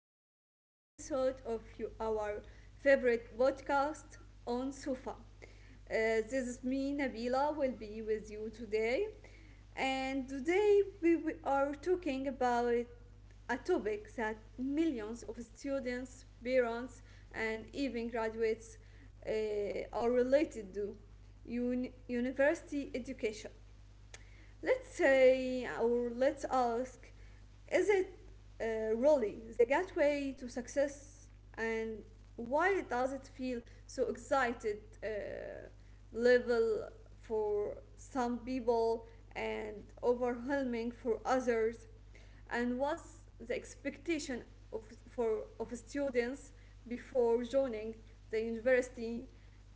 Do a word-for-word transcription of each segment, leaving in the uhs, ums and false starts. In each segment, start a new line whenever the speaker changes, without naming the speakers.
a new episode of you- our favorite podcast on Sufa. Uh, this is me, Nabila, will be with you today. And today we, we are talking about a topic that millions of students, parents, and even graduates uh, are related to un- university education. Let's say, or let's ask, is it uh, really the gateway to success? And why does it feel so excited uh, level for some people and overwhelming for others? And what's the expectation of, for, of students before joining the university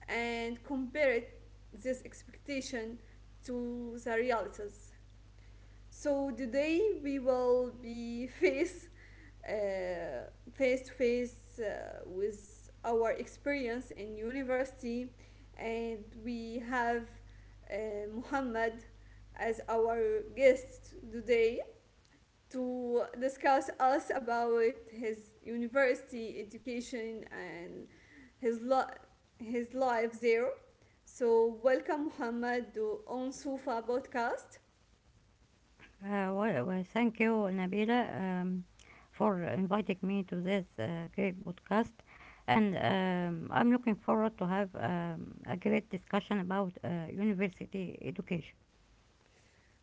and compare it, this expectation to the realities? So today we will be face uh, face to face uh, with our experience in university, and we have uh, Muhammad as our guest today to discuss us about his
mm
university education and his li- his life there. So welcome Muhammad to On Sufa podcast.
Uh, well, well, thank you, Nabila, um, for inviting me to this uh, great podcast. And um, I'm looking forward to have um, a great discussion about uh, university education.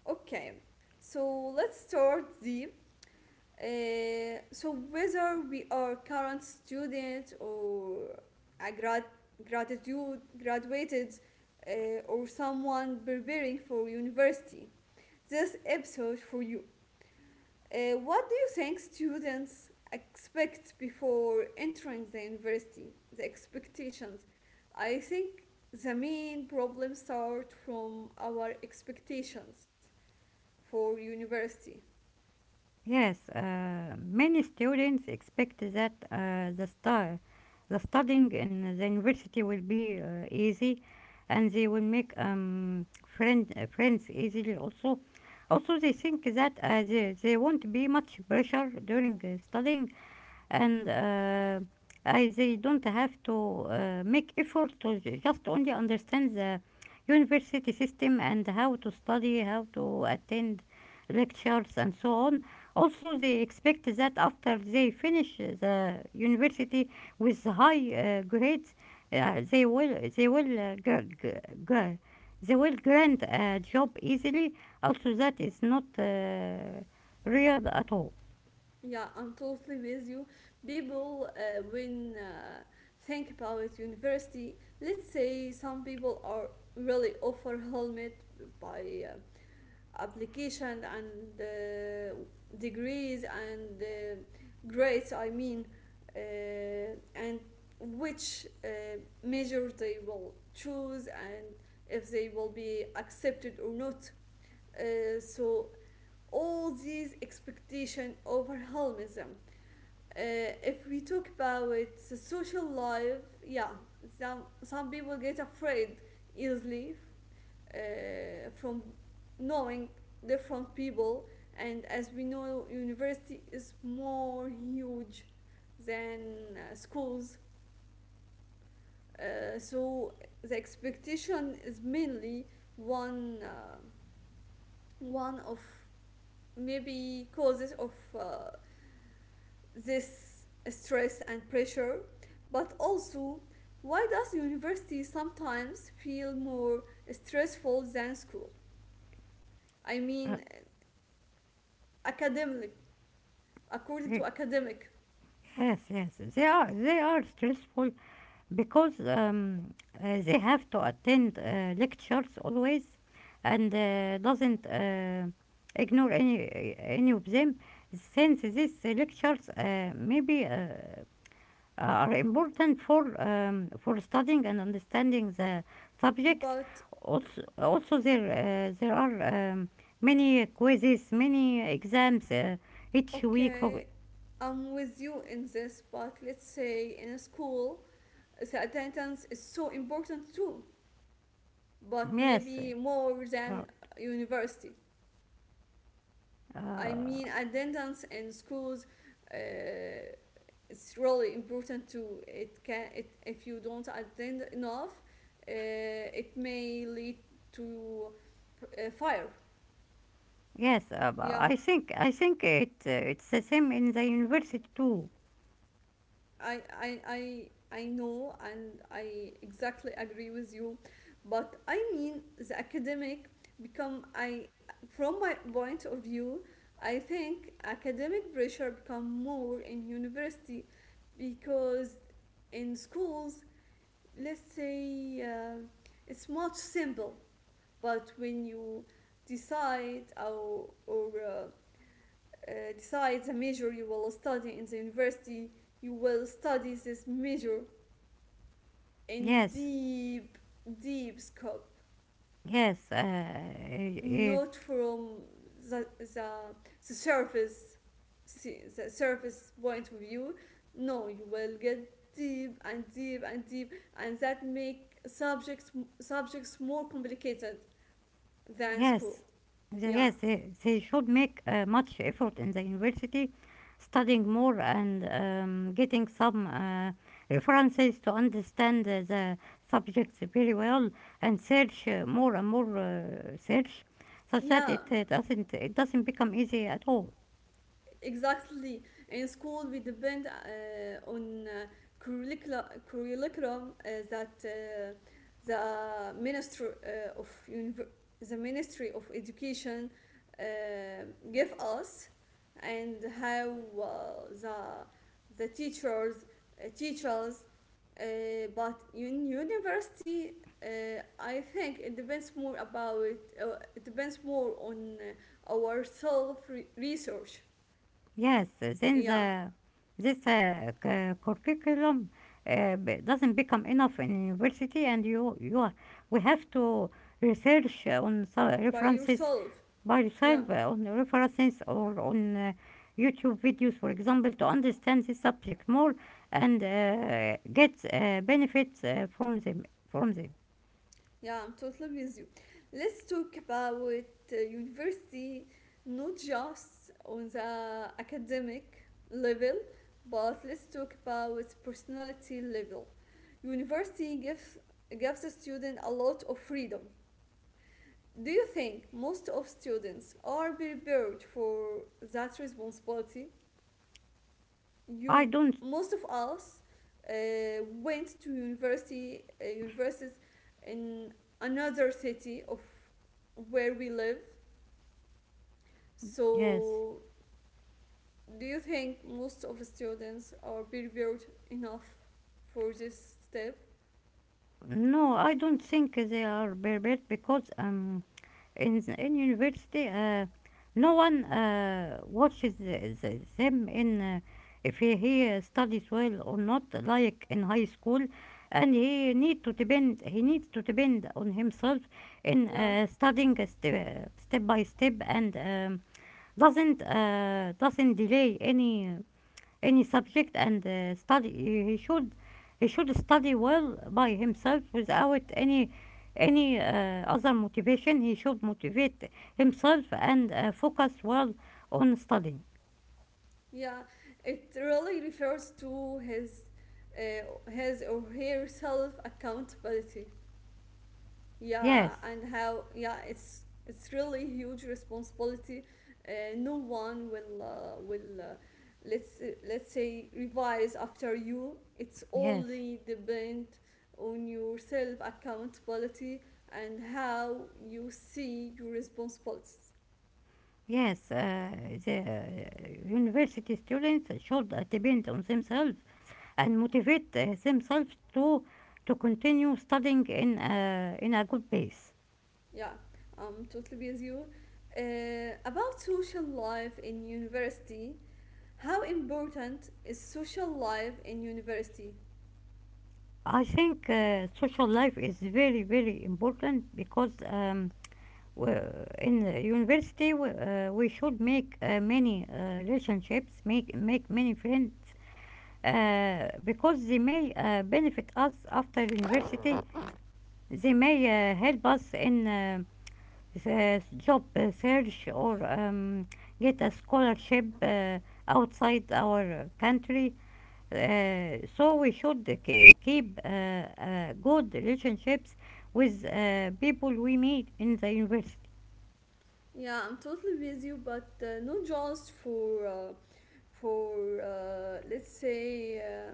Okay, so let's start the uh, so whether we are current student or a grad gratitude graduated, uh, or someone preparing for university. This episode for you. Uh, what do you think students expect before entering the university? The expectations. I think the main problem start from our expectations for university.
Yes, uh, many students expect that uh, the star, the studying in the university will be uh, easy, and they will make um, friend, uh, friends easily also. Also, they think that uh, they, they won't be much pressure during uh, studying, and uh, I they don't have to uh, make effort to just only understand the university system and how to study, how to attend lectures and so on. Also, they expect that after they finish the university with high uh, grades, uh, they will they will uh, gra- gra- gra- they will grant a job easily. Also, that is not uh, real at all.
Yeah, I'm totally with you. People, uh, when uh, think about university, let's say some people are really offer helmet by uh, application and uh, degrees and uh, grades. I mean, uh, and which uh, major they will choose and if they will be accepted or not. Uh, so all these expectation overwhelms them. uh, if we talk about social life, yeah, some some people get afraid easily uh, from knowing different people, and as we know, university is more huge than uh, schools, uh, so the expectation is mainly one uh, one of maybe causes of uh, this stress and pressure, but also why does university sometimes feel more stressful than school? I
Uh,
mean, academic, according to academic.
Yes, yes, they are they are stressful because um, uh, they have to attend uh, lectures always, and uh, doesn't uh, ignore any any of them. Since these lectures uh, maybe uh, are important for um, for studying and understanding the subjects,
But
also also there uh, there are um, many quizzes, many exams uh, each week for.
okay, I'm with you in this, but let's say in a school, the attendance is so important too, but
Yes.
maybe more than
Uh,
university. I
uh,
mean, attendance in schools uh, it's really important to it can it if you don't attend enough, uh, it may lead to uh, fire.
Yes, uh,
Yeah.
I think I think it uh, it's the same in the university too.
I, I, I, I know and I exactly agree with you. But I mean, the academic become, I, from my point of view, I think academic pressure become more in university because in schools, let's say uh, it's much simple. But when you decide or, or uh, uh, decide the major you will study in the university, you will study this major in
Yes,
deep, deep scope,
yes, uh, uh, uh,
not from the, the, the surface, see- the surface point of view. No, you will get deep and deep and deep, and that make subjects subjects more complicated than
yes,
school.
the,
Yeah,
yes. They, they should make uh, much effort in the university, studying more and um, getting some uh, references to understand uh, the subjects very well and search uh, more and more uh, search, such that
yeah.
it uh, doesn't it doesn't become easy at all.
Exactly, in school we depend uh, on uh, curricula, curriculum uh, that uh, the minister uh, of univer- the ministry of education uh, give us and how uh, the the teachers uh, teachers uh, but in university, uh, I think it depends more about uh, it depends more on uh, our self re- research.
Yes, then
Yeah,
the this uh, cu- curriculum uh, b- doesn't become enough in university, and you you are- we have to research on some
by
references
yourself.
by
Yeah,
yourself, uh, on references or on uh, YouTube videos, for example, to understand this subject more and uh, get uh, benefits uh, from them. From them,
yeah, I'm totally with you. Let's talk about uh, university, not just on the academic level, but let's talk about personality level. University gives gives a student a lot of freedom. Do you think most of students are prepared for that responsibility?
I
You
don't.
most of us uh, went to university uh, universities in another city of where we live.
Yes,
So do you think most of the students are prepared enough for this step?
no, I don't think they are prepared because um in in university, uh, no one uh, watches th- th- them in, uh, if he, he uh, studies well or not like in high school, and he need to depend he needs to depend on himself in
Yeah,
uh, studying a ste- step by step, and um, doesn't uh, doesn't delay any uh, any subject. And uh, study he should he should study well by himself without any any uh, other motivation. He should motivate himself and uh, focus well on studying.
yeah. It really refers to his uh, his or her self accountability.
Yes,
Yeah, and how, yeah, it's it's really huge responsibility. Uh, no one will uh, will uh, let's let's say revise after you, it's
yes,
only depend on your self accountability and how you see your responsibilities.
yes. uh, the uh, University students should uh, depend on themselves and motivate uh, themselves to to continue studying in uh, in a good pace.
Yeah, I'm totally with you. Uh, about social life in university, how important is social life in university?
I think uh, social life is very, very important because um, we- in the university we, uh, we should make uh, many uh, relationships, make make many friends, uh, because they may uh, benefit us after university. They may uh, help us in uh, the job uh, search, or um, get a scholarship uh, outside our country. Uh, so we should uh, ke- keep uh, uh, good relationships with uh, people we meet in the university.
Yeah, I'm totally with you, but uh, not just for uh, for uh, let's say uh,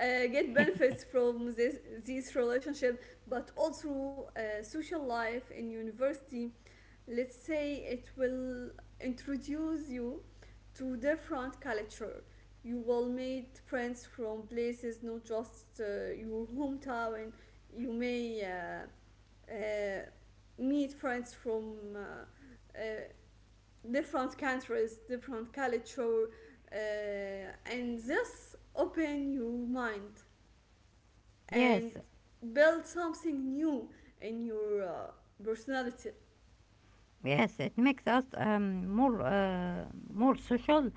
uh, get benefits from this this relationship, but also uh, social life in university. Let's say it will introduce you to different culture. You will meet friends from places, not just uh, your hometown. You may uh, uh, meet friends from. Uh, uh, different countries, different culture, uh, and this open your mind
Yes,
and build something new in your uh, personality.
yes, it makes us um, more uh, more social,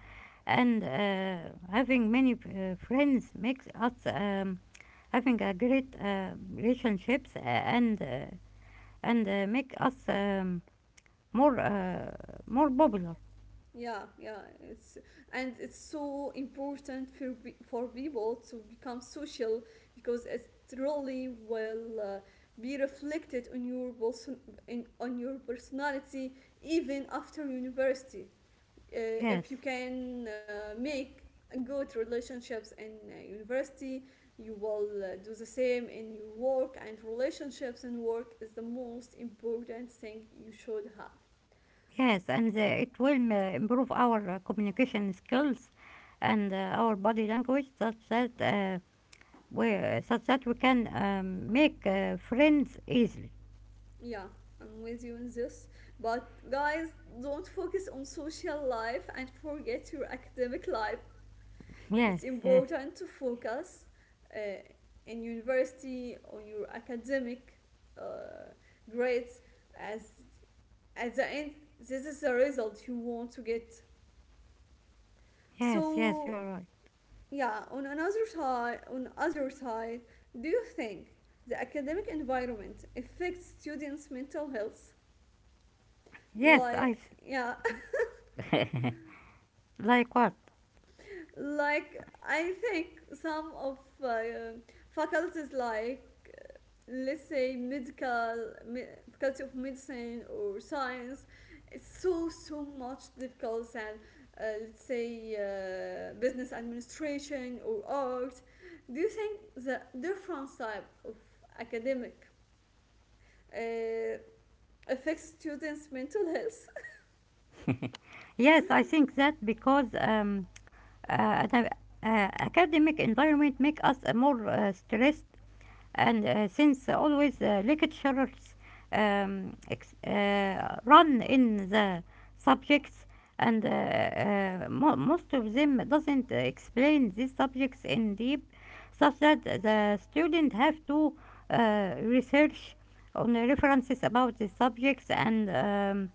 and uh, having many uh, friends makes us um, having a great uh, relationships, uh, and uh, and uh, make us um, more uh, more popular.
Yeah, yeah, it's and it's so important for for people to become social because it really will uh, be reflected on your person in, on your personality even after university. Uh, if
Yes.
you can uh, make good relationships in uh, university, you will uh, do the same in your work, and relationships in work is the most important thing you should have.
Yes, and uh, it will uh, improve our uh, communication skills and uh, our body language, such that uh, we such that we can um, make uh, friends easily.
Yeah, I'm with you in this, but guys, don't focus on social life and forget your academic life.
Yes,
It's
yes,
important to focus uh, in university on your academic uh, grades, as at the end this is the result you want to get.
yes, yes. You
So
are right.
yeah, on another side, on other side, do you think the academic environment affects students mental health?
Yes, I
Like,
s-
yeah.
like what?
Like, I think some of uh, faculties, like let's say medical me- faculty of medicine or science, it's so so much difficult than uh, let's say uh, business administration or art. Do you think the different type of academic uh, affects students mental health?
Yes, I think that because um, uh, an- uh, academic environment make us uh, more uh, stressed, and uh, since always the lecturers um, ex- uh, run in the subjects, and uh, uh, mo- most of them doesn't uh, explain these subjects in deep, such that the student have to uh, research on the references about the subjects, and um,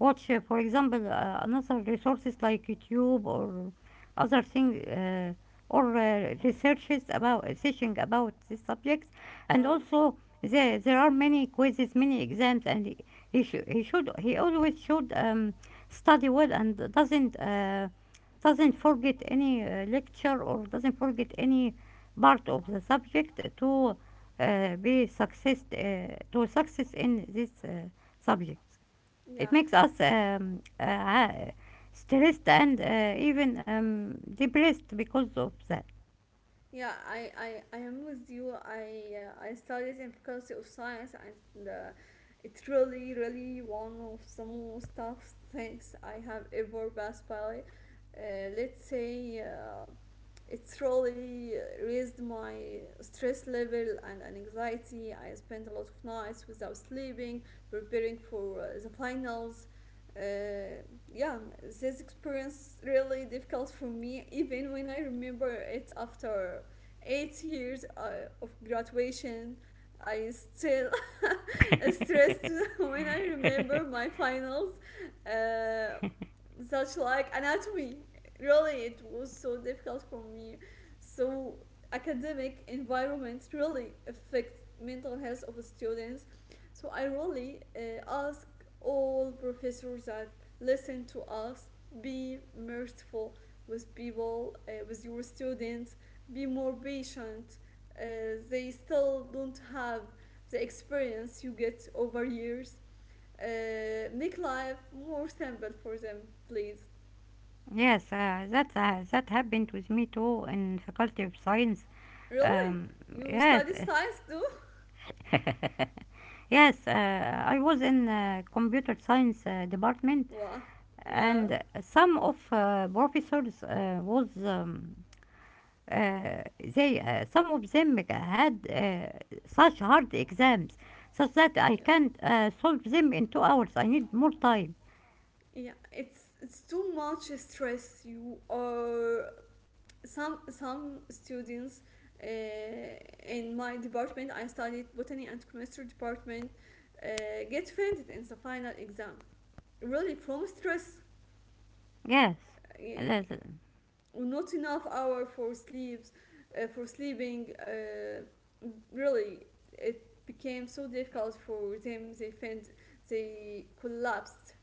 watch, uh, for example, uh, another resources like YouTube or other thing, uh, or uh, researches about uh, teaching about these subjects.
Yeah,
And also there there are many quizzes, many exams, and he he, shou- he should he always should um, study well and doesn't uh, doesn't forget any uh, lecture, or doesn't forget any part of the subject to uh, be success uh, to success in this uh, subject. It
yeah.
makes us um, uh, stressed and uh, even um, depressed because of that.
Yeah, I, I, I am with you. I, uh, I studied in Faculty of Science and uh, it's really really one of the most tough things I have ever passed by. Uh, let's say uh, it really raised my stress level and anxiety. I spent a lot of nights without sleeping, preparing for uh, the finals. Uh, yeah, this experience really difficult for me, even when I remember it after eight years uh, of graduation. I still stressed when I remember my finals, uh, such like anatomy. Really, it was so difficult for me. So academic environment really affects mental health of students. So I really uh, ask all professors that listen to us, be merciful with people, uh, with your students, be more patient. Uh, they still don't have the experience you get over years. Uh, make life more simple for them, please.
Yes, uh, that uh, that happened with me too in Faculty of Science.
Really?
Um,
You
yes.
study science too?
uh, yes, uh, I was in uh, Computer Science uh, department,
Wow. Yeah.
and some of uh, professors, uh, was um, uh, they uh, some of them had uh, such hard exams, such that I
Yeah.
can't uh, solve them in two hours. I need more time.
Yeah. It's it's too much stress. You are some some students uh, in my department. I studied botany and chemistry department. Uh, get offended in the final exam. Really, from stress,
Yes.
uh,
That's-
not enough hour for sleeps, uh, for sleeping. Uh, really it became so difficult for them, they felt they collapsed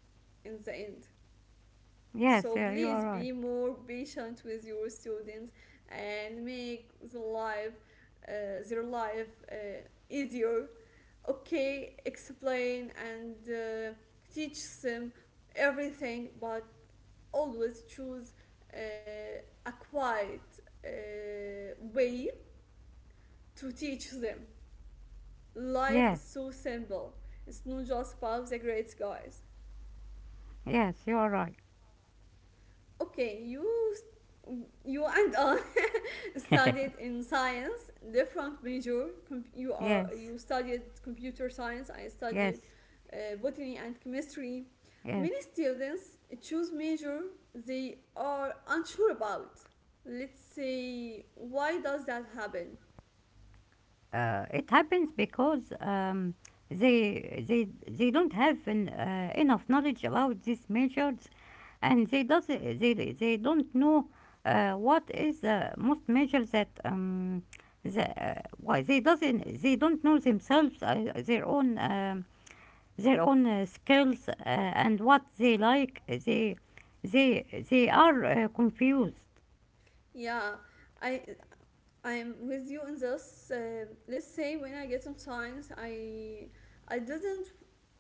in the end.
yes,
So
yeah, you are
please
right.
be more patient with your students and make the life uh, their life uh, easier. Okay, explain and uh, teach them everything, but always choose uh, a quiet uh, way to teach them. Life
Yeah,
is so simple. It's not just about the grades, guys.
yes, you are right.
Okay, you you and I studied in science, different major. You are,
Yes,
you studied computer science. I studied
yes,
uh, botany and chemistry. Many
yes.
students choose major they are unsure about. Let's say, why does that happen?
Uh, it happens because um, they they they don't have an, uh, enough knowledge about these measures, and they does they they don't know uh, what is the most measure that um the uh, why they doesn't they don't know themselves, uh, their own um, their own uh, skills, uh, and what they like. They they they are uh, confused.
Yeah, I I'm with you in this. Uh, let's say when I get some science, I I didn't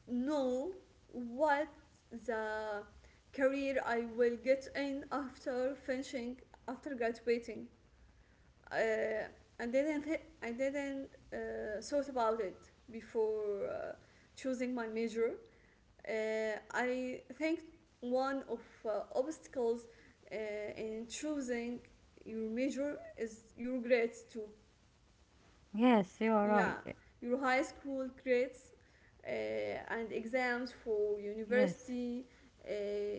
know what the career I will get in after finishing after graduating. Uh, I didn't thi- I didn't uh, thought about it before uh, choosing my major. Uh, I think one of uh, obstacles uh, in choosing your major is your grades too.
Yes, you are
Yeah,
right.
your high school grades uh, and exams for
Yes.
university, uh,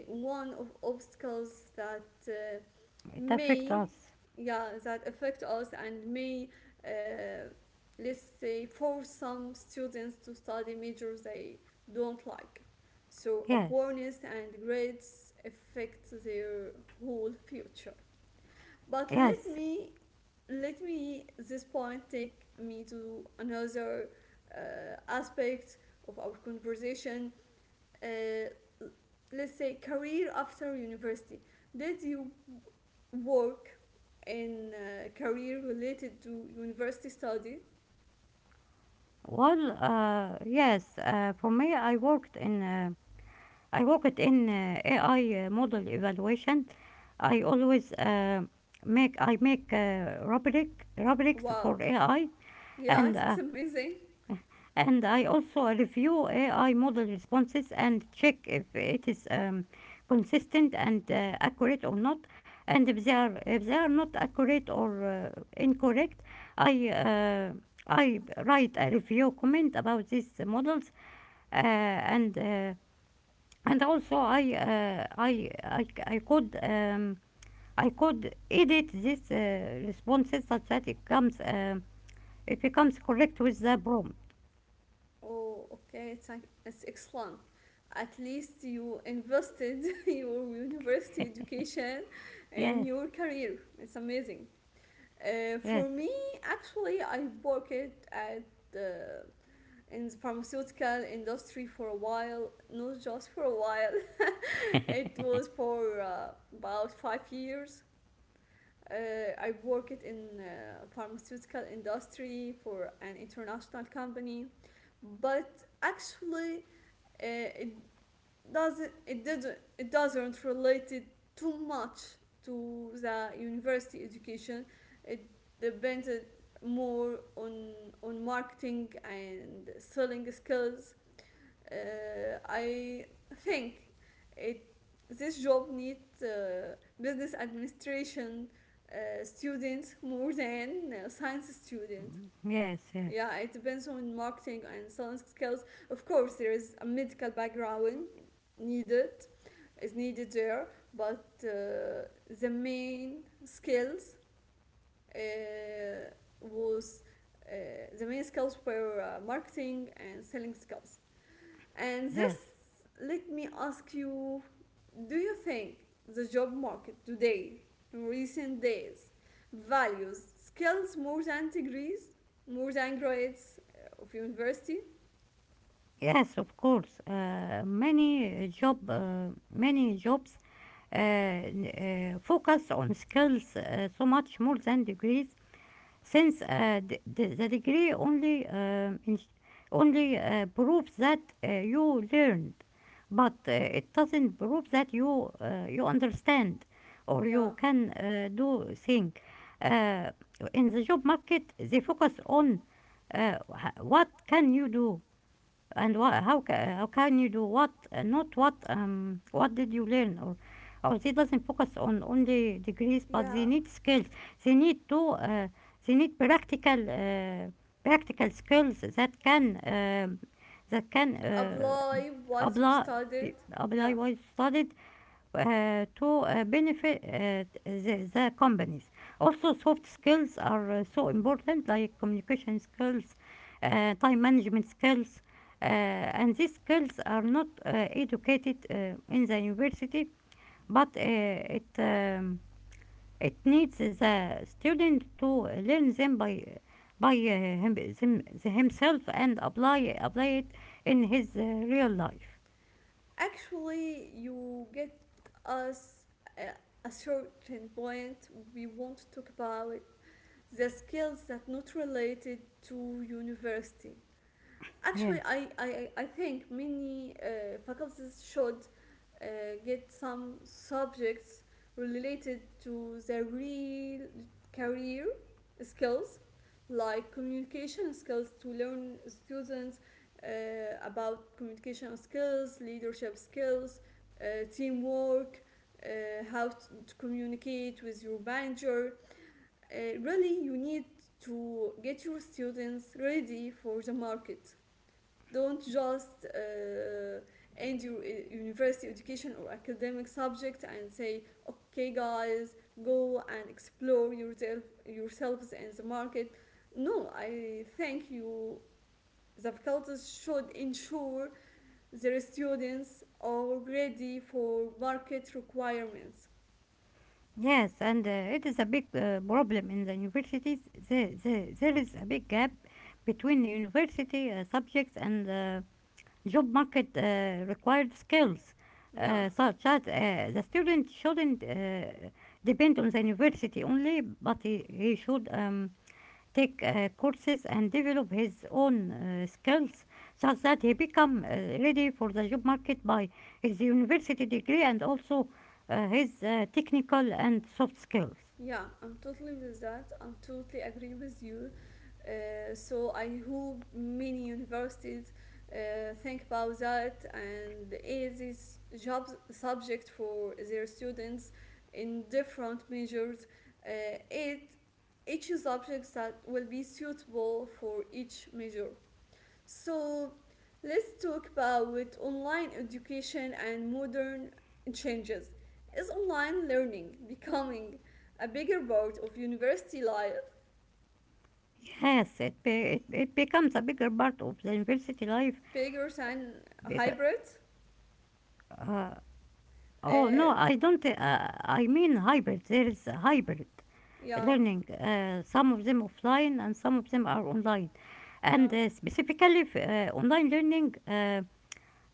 one of obstacles that uh,
It affects
may,
us.
yeah, that affect us and may uh, let's say force some students to study majors they don't like. So
Yes.
awareness and grades affect their whole future. But let
Yes.
me, let me, this point take me to another uh, aspect of our conversation. uh, let's say, career after university. Did you work in uh, career related to university study?
Well, uh, yes. Uh, for me, I worked in uh, I worked in uh, A I uh, model evaluation. I always uh, make I make uh, rubric rubrics
Wow.
for A I,
Yeah,
and
it's
uh,
amazing.
and I also review A I model responses and check if it is um, consistent and uh, accurate or not. And if they are if they are not accurate or uh, incorrect, I uh, I write a review comment about these models, uh, and uh, and also I uh, I, I I could um, I could edit these uh, responses such that it comes um it becomes correct with the prompt.
Oh, okay, it's, like- it's excellent, at least you invested your university education in
Yes,
your career, it's amazing. Uh,
yes.
for me, actually, I worked at the in the pharmaceutical industry for a while, not just for a while. It was for uh, about five years. Uh, I worked in uh, pharmaceutical industry for an international company, but actually, uh, it doesn't it does not it doesn't relate it too much to the university education. It depends more on on marketing and selling skills. Uh, I think it this job needs uh, business administration uh, students more than uh, science students.
Yes, yes,
Yeah, it depends on marketing and selling skills. Of course, there is a medical background needed is needed there, but uh, the main skills uh, was uh, the main skills were uh, marketing and selling skills. And this,
yes,
let me ask you: do you think the job market today, in recent days, values skills more than degrees, more than grades uh, of university?
yes. Of course, uh, many uh, job, uh, many jobs uh, n- uh, focus on skills uh, so much more than degrees, since uh, the, the, the degree only um, in- only uh, proves that uh, you learned, but uh, it doesn't prove that you uh, you understand or
Yeah,
you can uh, do things. uh, in the job market they focus on uh, what can you do, and what how ca- how can you do what, uh, not what um what did you learn. Or or they doesn't focus on only degrees, but they
yeah.
need skills. they need to uh, they need practical uh, practical skills that can um that can uh,
Apply what you
apply
studied. Yeah.
apply what you studied uh, to uh, benefit uh, the, the companies. Also, soft skills are uh, so important, like communication skills, uh, time management skills, uh, and these skills are not uh, educated uh, in the university, but uh, it um, it needs the student to learn them by by uh, him, them- himself and apply apply it in his uh, real life.
Actually, you get us a, a certain point. We want to talk about the skills that not related to university. Actually,
Yes.
I, I, I think many uh, faculties should uh, get some subjects related to their real career skills, like communication skills to learn students uh, about communication skills, leadership skills, uh, teamwork, uh, how to, to communicate with your manager. Uh, really, you need to get your students ready for the market. Don't just uh, uh, end your uh, university education or academic subject and say, okay guys, go and explore yourself yourselves in the market. No, I think you, the faculties should ensure their students are ready for market requirements,
Yes, and uh, it is a big uh, problem in the universities. There, there, there is a big gap between the university uh, subjects and the job market uh, required skills,
yeah.
uh, such as uh, the student shouldn't uh, depend on the university only, but he, he should um, take uh, courses and develop his own uh, skills, such that he become uh, ready for the job market by his university degree and also uh, his uh, technical and soft skills.
Yeah, I'm totally with that. I'm totally agree with you. Uh, so I hope many universities uh, think about that and is this job subject for their students in different measures. Uh, it, each subject that will be suitable for each measure. So let's talk about online education and modern changes. Is online learning becoming a bigger part of university life,
Yes, it, be, it, it becomes a bigger part of the university life.
bigger than
Bigger,
hybrid?
uh, oh no,
Uh,
I don't. Uh, I mean hybrid. There is a hybrid
yeah,
learning. Uh, some of them offline and some of them are online.
yeah,
And uh, specifically, f- uh, online learning uh,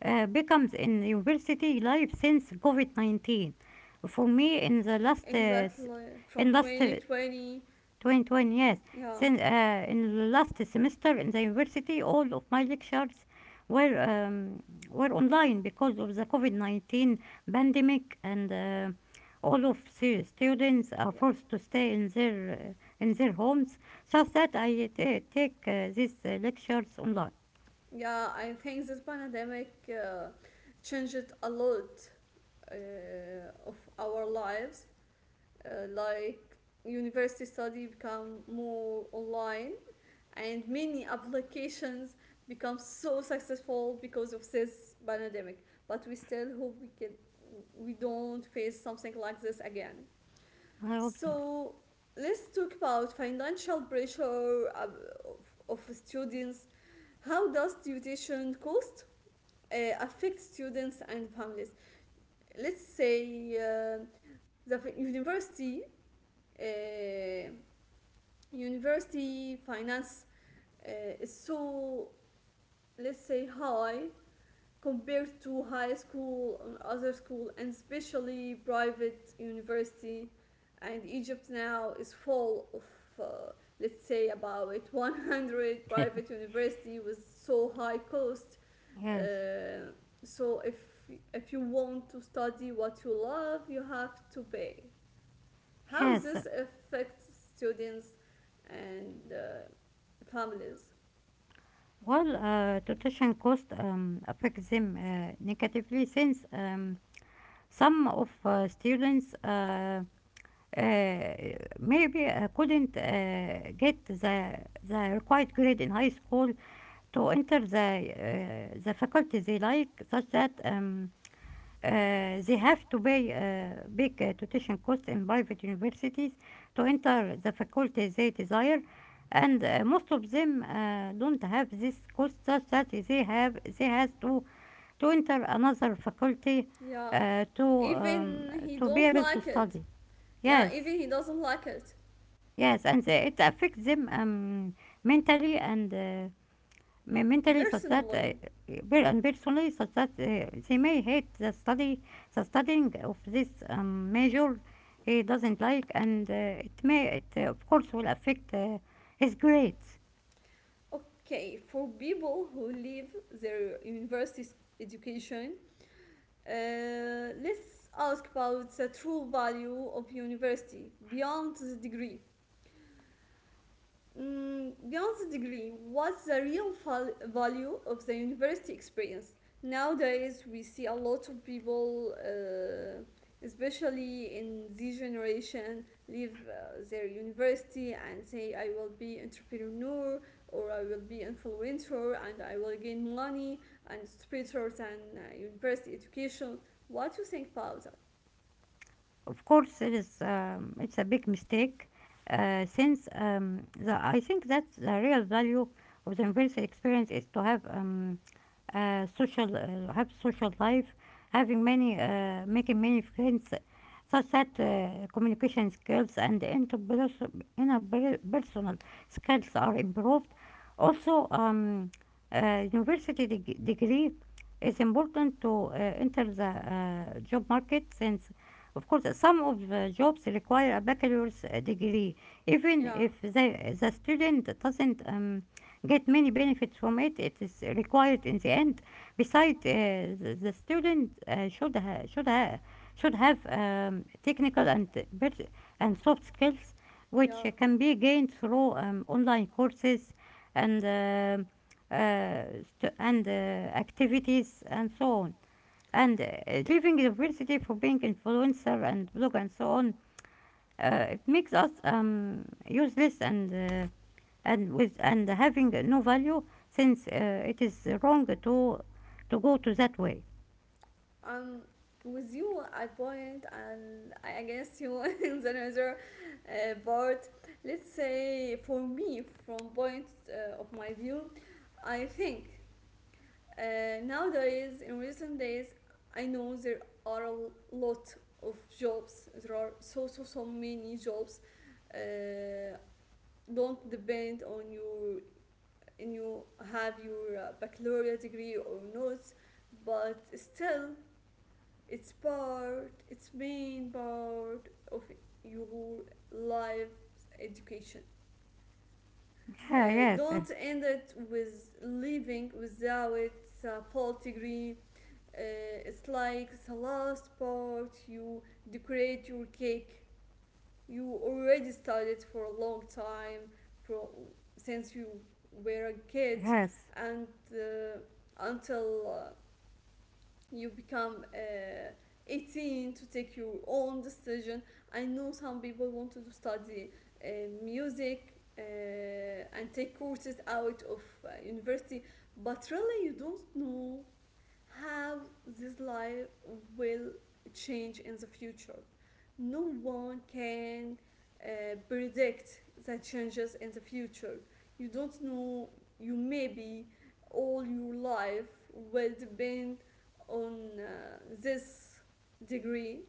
uh, becomes in university life since COVID nineteen. For me, in the last uh,
exactly. From
in last uh,
twenty twenty,
twenty twenty. Yes,
yeah,
since uh, in the last semester in the university, all of my lectures were um, were online because of the COVID nineteen pandemic and. Uh, all of the students are
yeah,
forced to stay in their uh, in their homes, so that I t- take uh, these uh, lectures online.
yeah. I think this pandemic uh, changed a lot uh, of our lives, uh, like university study become more online, and many applications become so successful because of this pandemic, but we still hope we can, we don't face something like this again.
I hope
So let's talk about financial pressure uh, of, of students. How does tuition cost uh, affect students and families? Let's say uh, the university, uh, university finance uh, is so, let's say high, compared to high school and other school, and especially private university. And Egypt now is full of, uh, let's say, about one hundred
that.
private university with so high cost.
Yes,
uh, so if if you want to study what you love, you have to pay. How
yes.
this affects students and uh, families.
Well, uh, tuition cost um, affects them uh, negatively, since um, some of uh, students uh, uh, maybe uh, couldn't uh, get the, the required grade in high school to enter the, uh, the faculty they like, such that um, uh, they have to pay uh, big uh, tuition costs in private universities to enter the faculty they desire, and uh, most of them uh, don't have this cost, such that they have they has to to enter another faculty,
Yeah,
uh, to um,
even he
to be
don't
able to
like it.
study.
Yeah,
Yes,
even he doesn't like it.
yes, and they, it affects them um, mentally, and uh, me- mentally, such that uh,
Personally,
per- and personally, such that uh, they may hate the study the studying of this um, major he doesn't like, and uh, it may it uh, of course will affect uh, his grades.
okay, for people who leave their university education, uh, let's ask about the true value of university beyond the degree. Mm, beyond the degree, what's the real val- value of the university experience? Nowadays, we see a lot of people, uh, especially in this generation, leave uh, their university and say, "I will be entrepreneur, or I will be influencer and I will gain money, and it's better than uh, university education." What do you think about that?
Of course it is um, it's a big mistake, uh, since um, the, I think that the real value of the university experience is to have, um, uh, social uh, have social life, having many uh, making many friends, such that uh, communication skills and interpers- interpersonal skills are improved. Also, um, uh, university deg- degree is important to uh, enter the uh, job market since. Of course, some of the jobs require a bachelor's uh, degree, even
Yeah,
if the, the student doesn't um, get many benefits from it. It is required in the end. Besides, uh, the, the student uh, should ha- should ha- should have um, technical and pers- and soft skills, which
yeah.
uh, can be gained through um, online courses and um uh, st- and uh, activities and so on. And uh, leaving university for being influencer and blog and so on, uh, it makes us um, useless and. Uh, and with and having no value, since uh, it is wrong to to go to that way.
I'm with you at point, and I guess you in the another uh, part. Let's say for me, from point uh, of my view, I think uh, nowadays in recent days, I know there are a l- lot of jobs. There are so, so, so many jobs. Uh, don't depend on your, and you have your uh, baccalaureate degree or not, but still it's part, it's main part of your life's education. Uh,
Yeah, yes, uh,
don't end it with leaving without a full degree. Uh, it's like the last part you decorate your cake. You already studied for a long time, from, since you were a kid,
yes,
and uh, until uh, you become uh, eighteen to take your own decision. I know some people wanted to study uh, music, uh, and take courses out of uh, university, but really you don't know how this life will change in the future. No one can uh, predict the changes in the future. You don't know, you maybe all your life will depend on uh, this degree,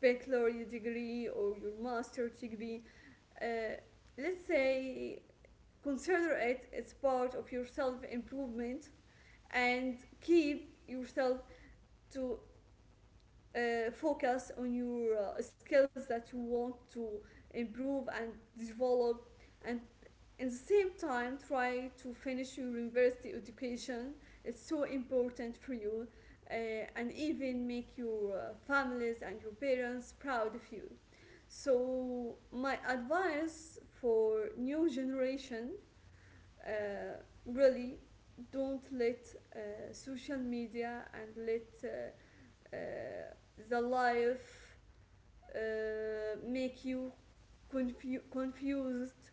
baccalaureate degree, or your master's degree. Uh, let's say, consider it as part of your self improvement, and keep yourself to uh, focus on your uh, skills that you want to improve and develop, and in the same time try to finish your university education. It's so important for you, uh, and even make your uh, families and your parents proud of you. So my advice for new generation, uh, really, don't let uh, social media and let uh, uh, the life uh, make you confu- confused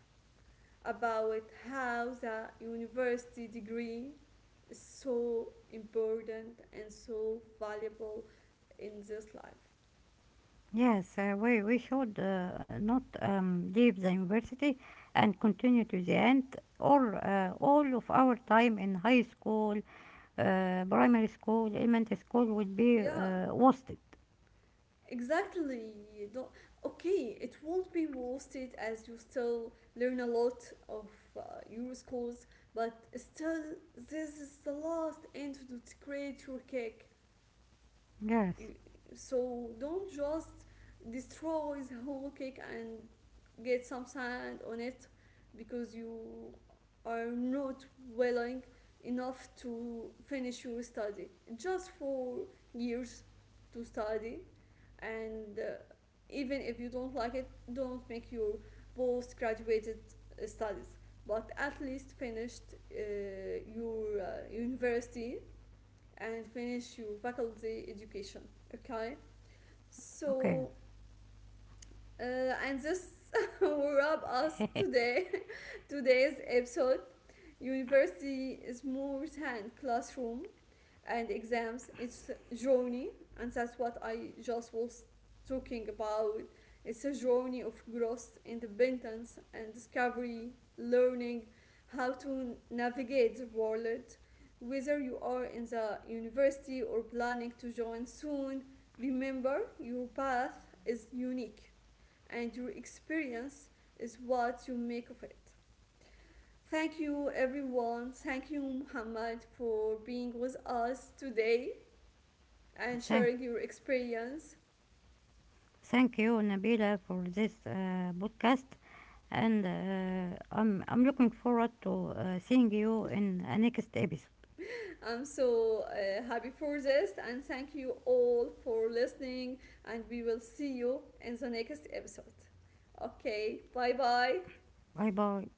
about how the university degree is so important and so valuable in this life.
yes. Uh, we we should uh, not um, leave the university and continue to the end, or uh, all of our time in high school, uh, primary school, elementary school will be
Yeah,
uh, wasted.
exactly. Don't, okay, it won't be wasted as you still learn a lot of uh, your schools, but still, this is the last entity to create your cake.
Yes.
So don't just destroy the whole cake and get some sand on it because you are not willing enough to finish your study. Just for years to study, and uh, even if you don't like it, don't make your post graduated uh, studies, but at least finished uh, your uh, university and finish your faculty education. Okay,
Okay.
so, uh, and this will wrap us today today's episode. University is more than classroom and exams. It's journey, and that's what I just was talking about. It's a journey of growth, independence, and discovery, learning how to navigate the world. Whether you are in the university or planning to join soon, remember your path is unique and your experience is what you make of it. Thank you, everyone. Thank you, Muhammad, for being with us today and
Thank.
sharing your experience.
Thank you, Nabila, for this uh, podcast, and uh, I'm I'm looking forward to uh, seeing you in a next episode.
I'm so uh, happy for this, and thank you all for listening. And we will see you in the next episode. Okay, bye bye.
Bye bye.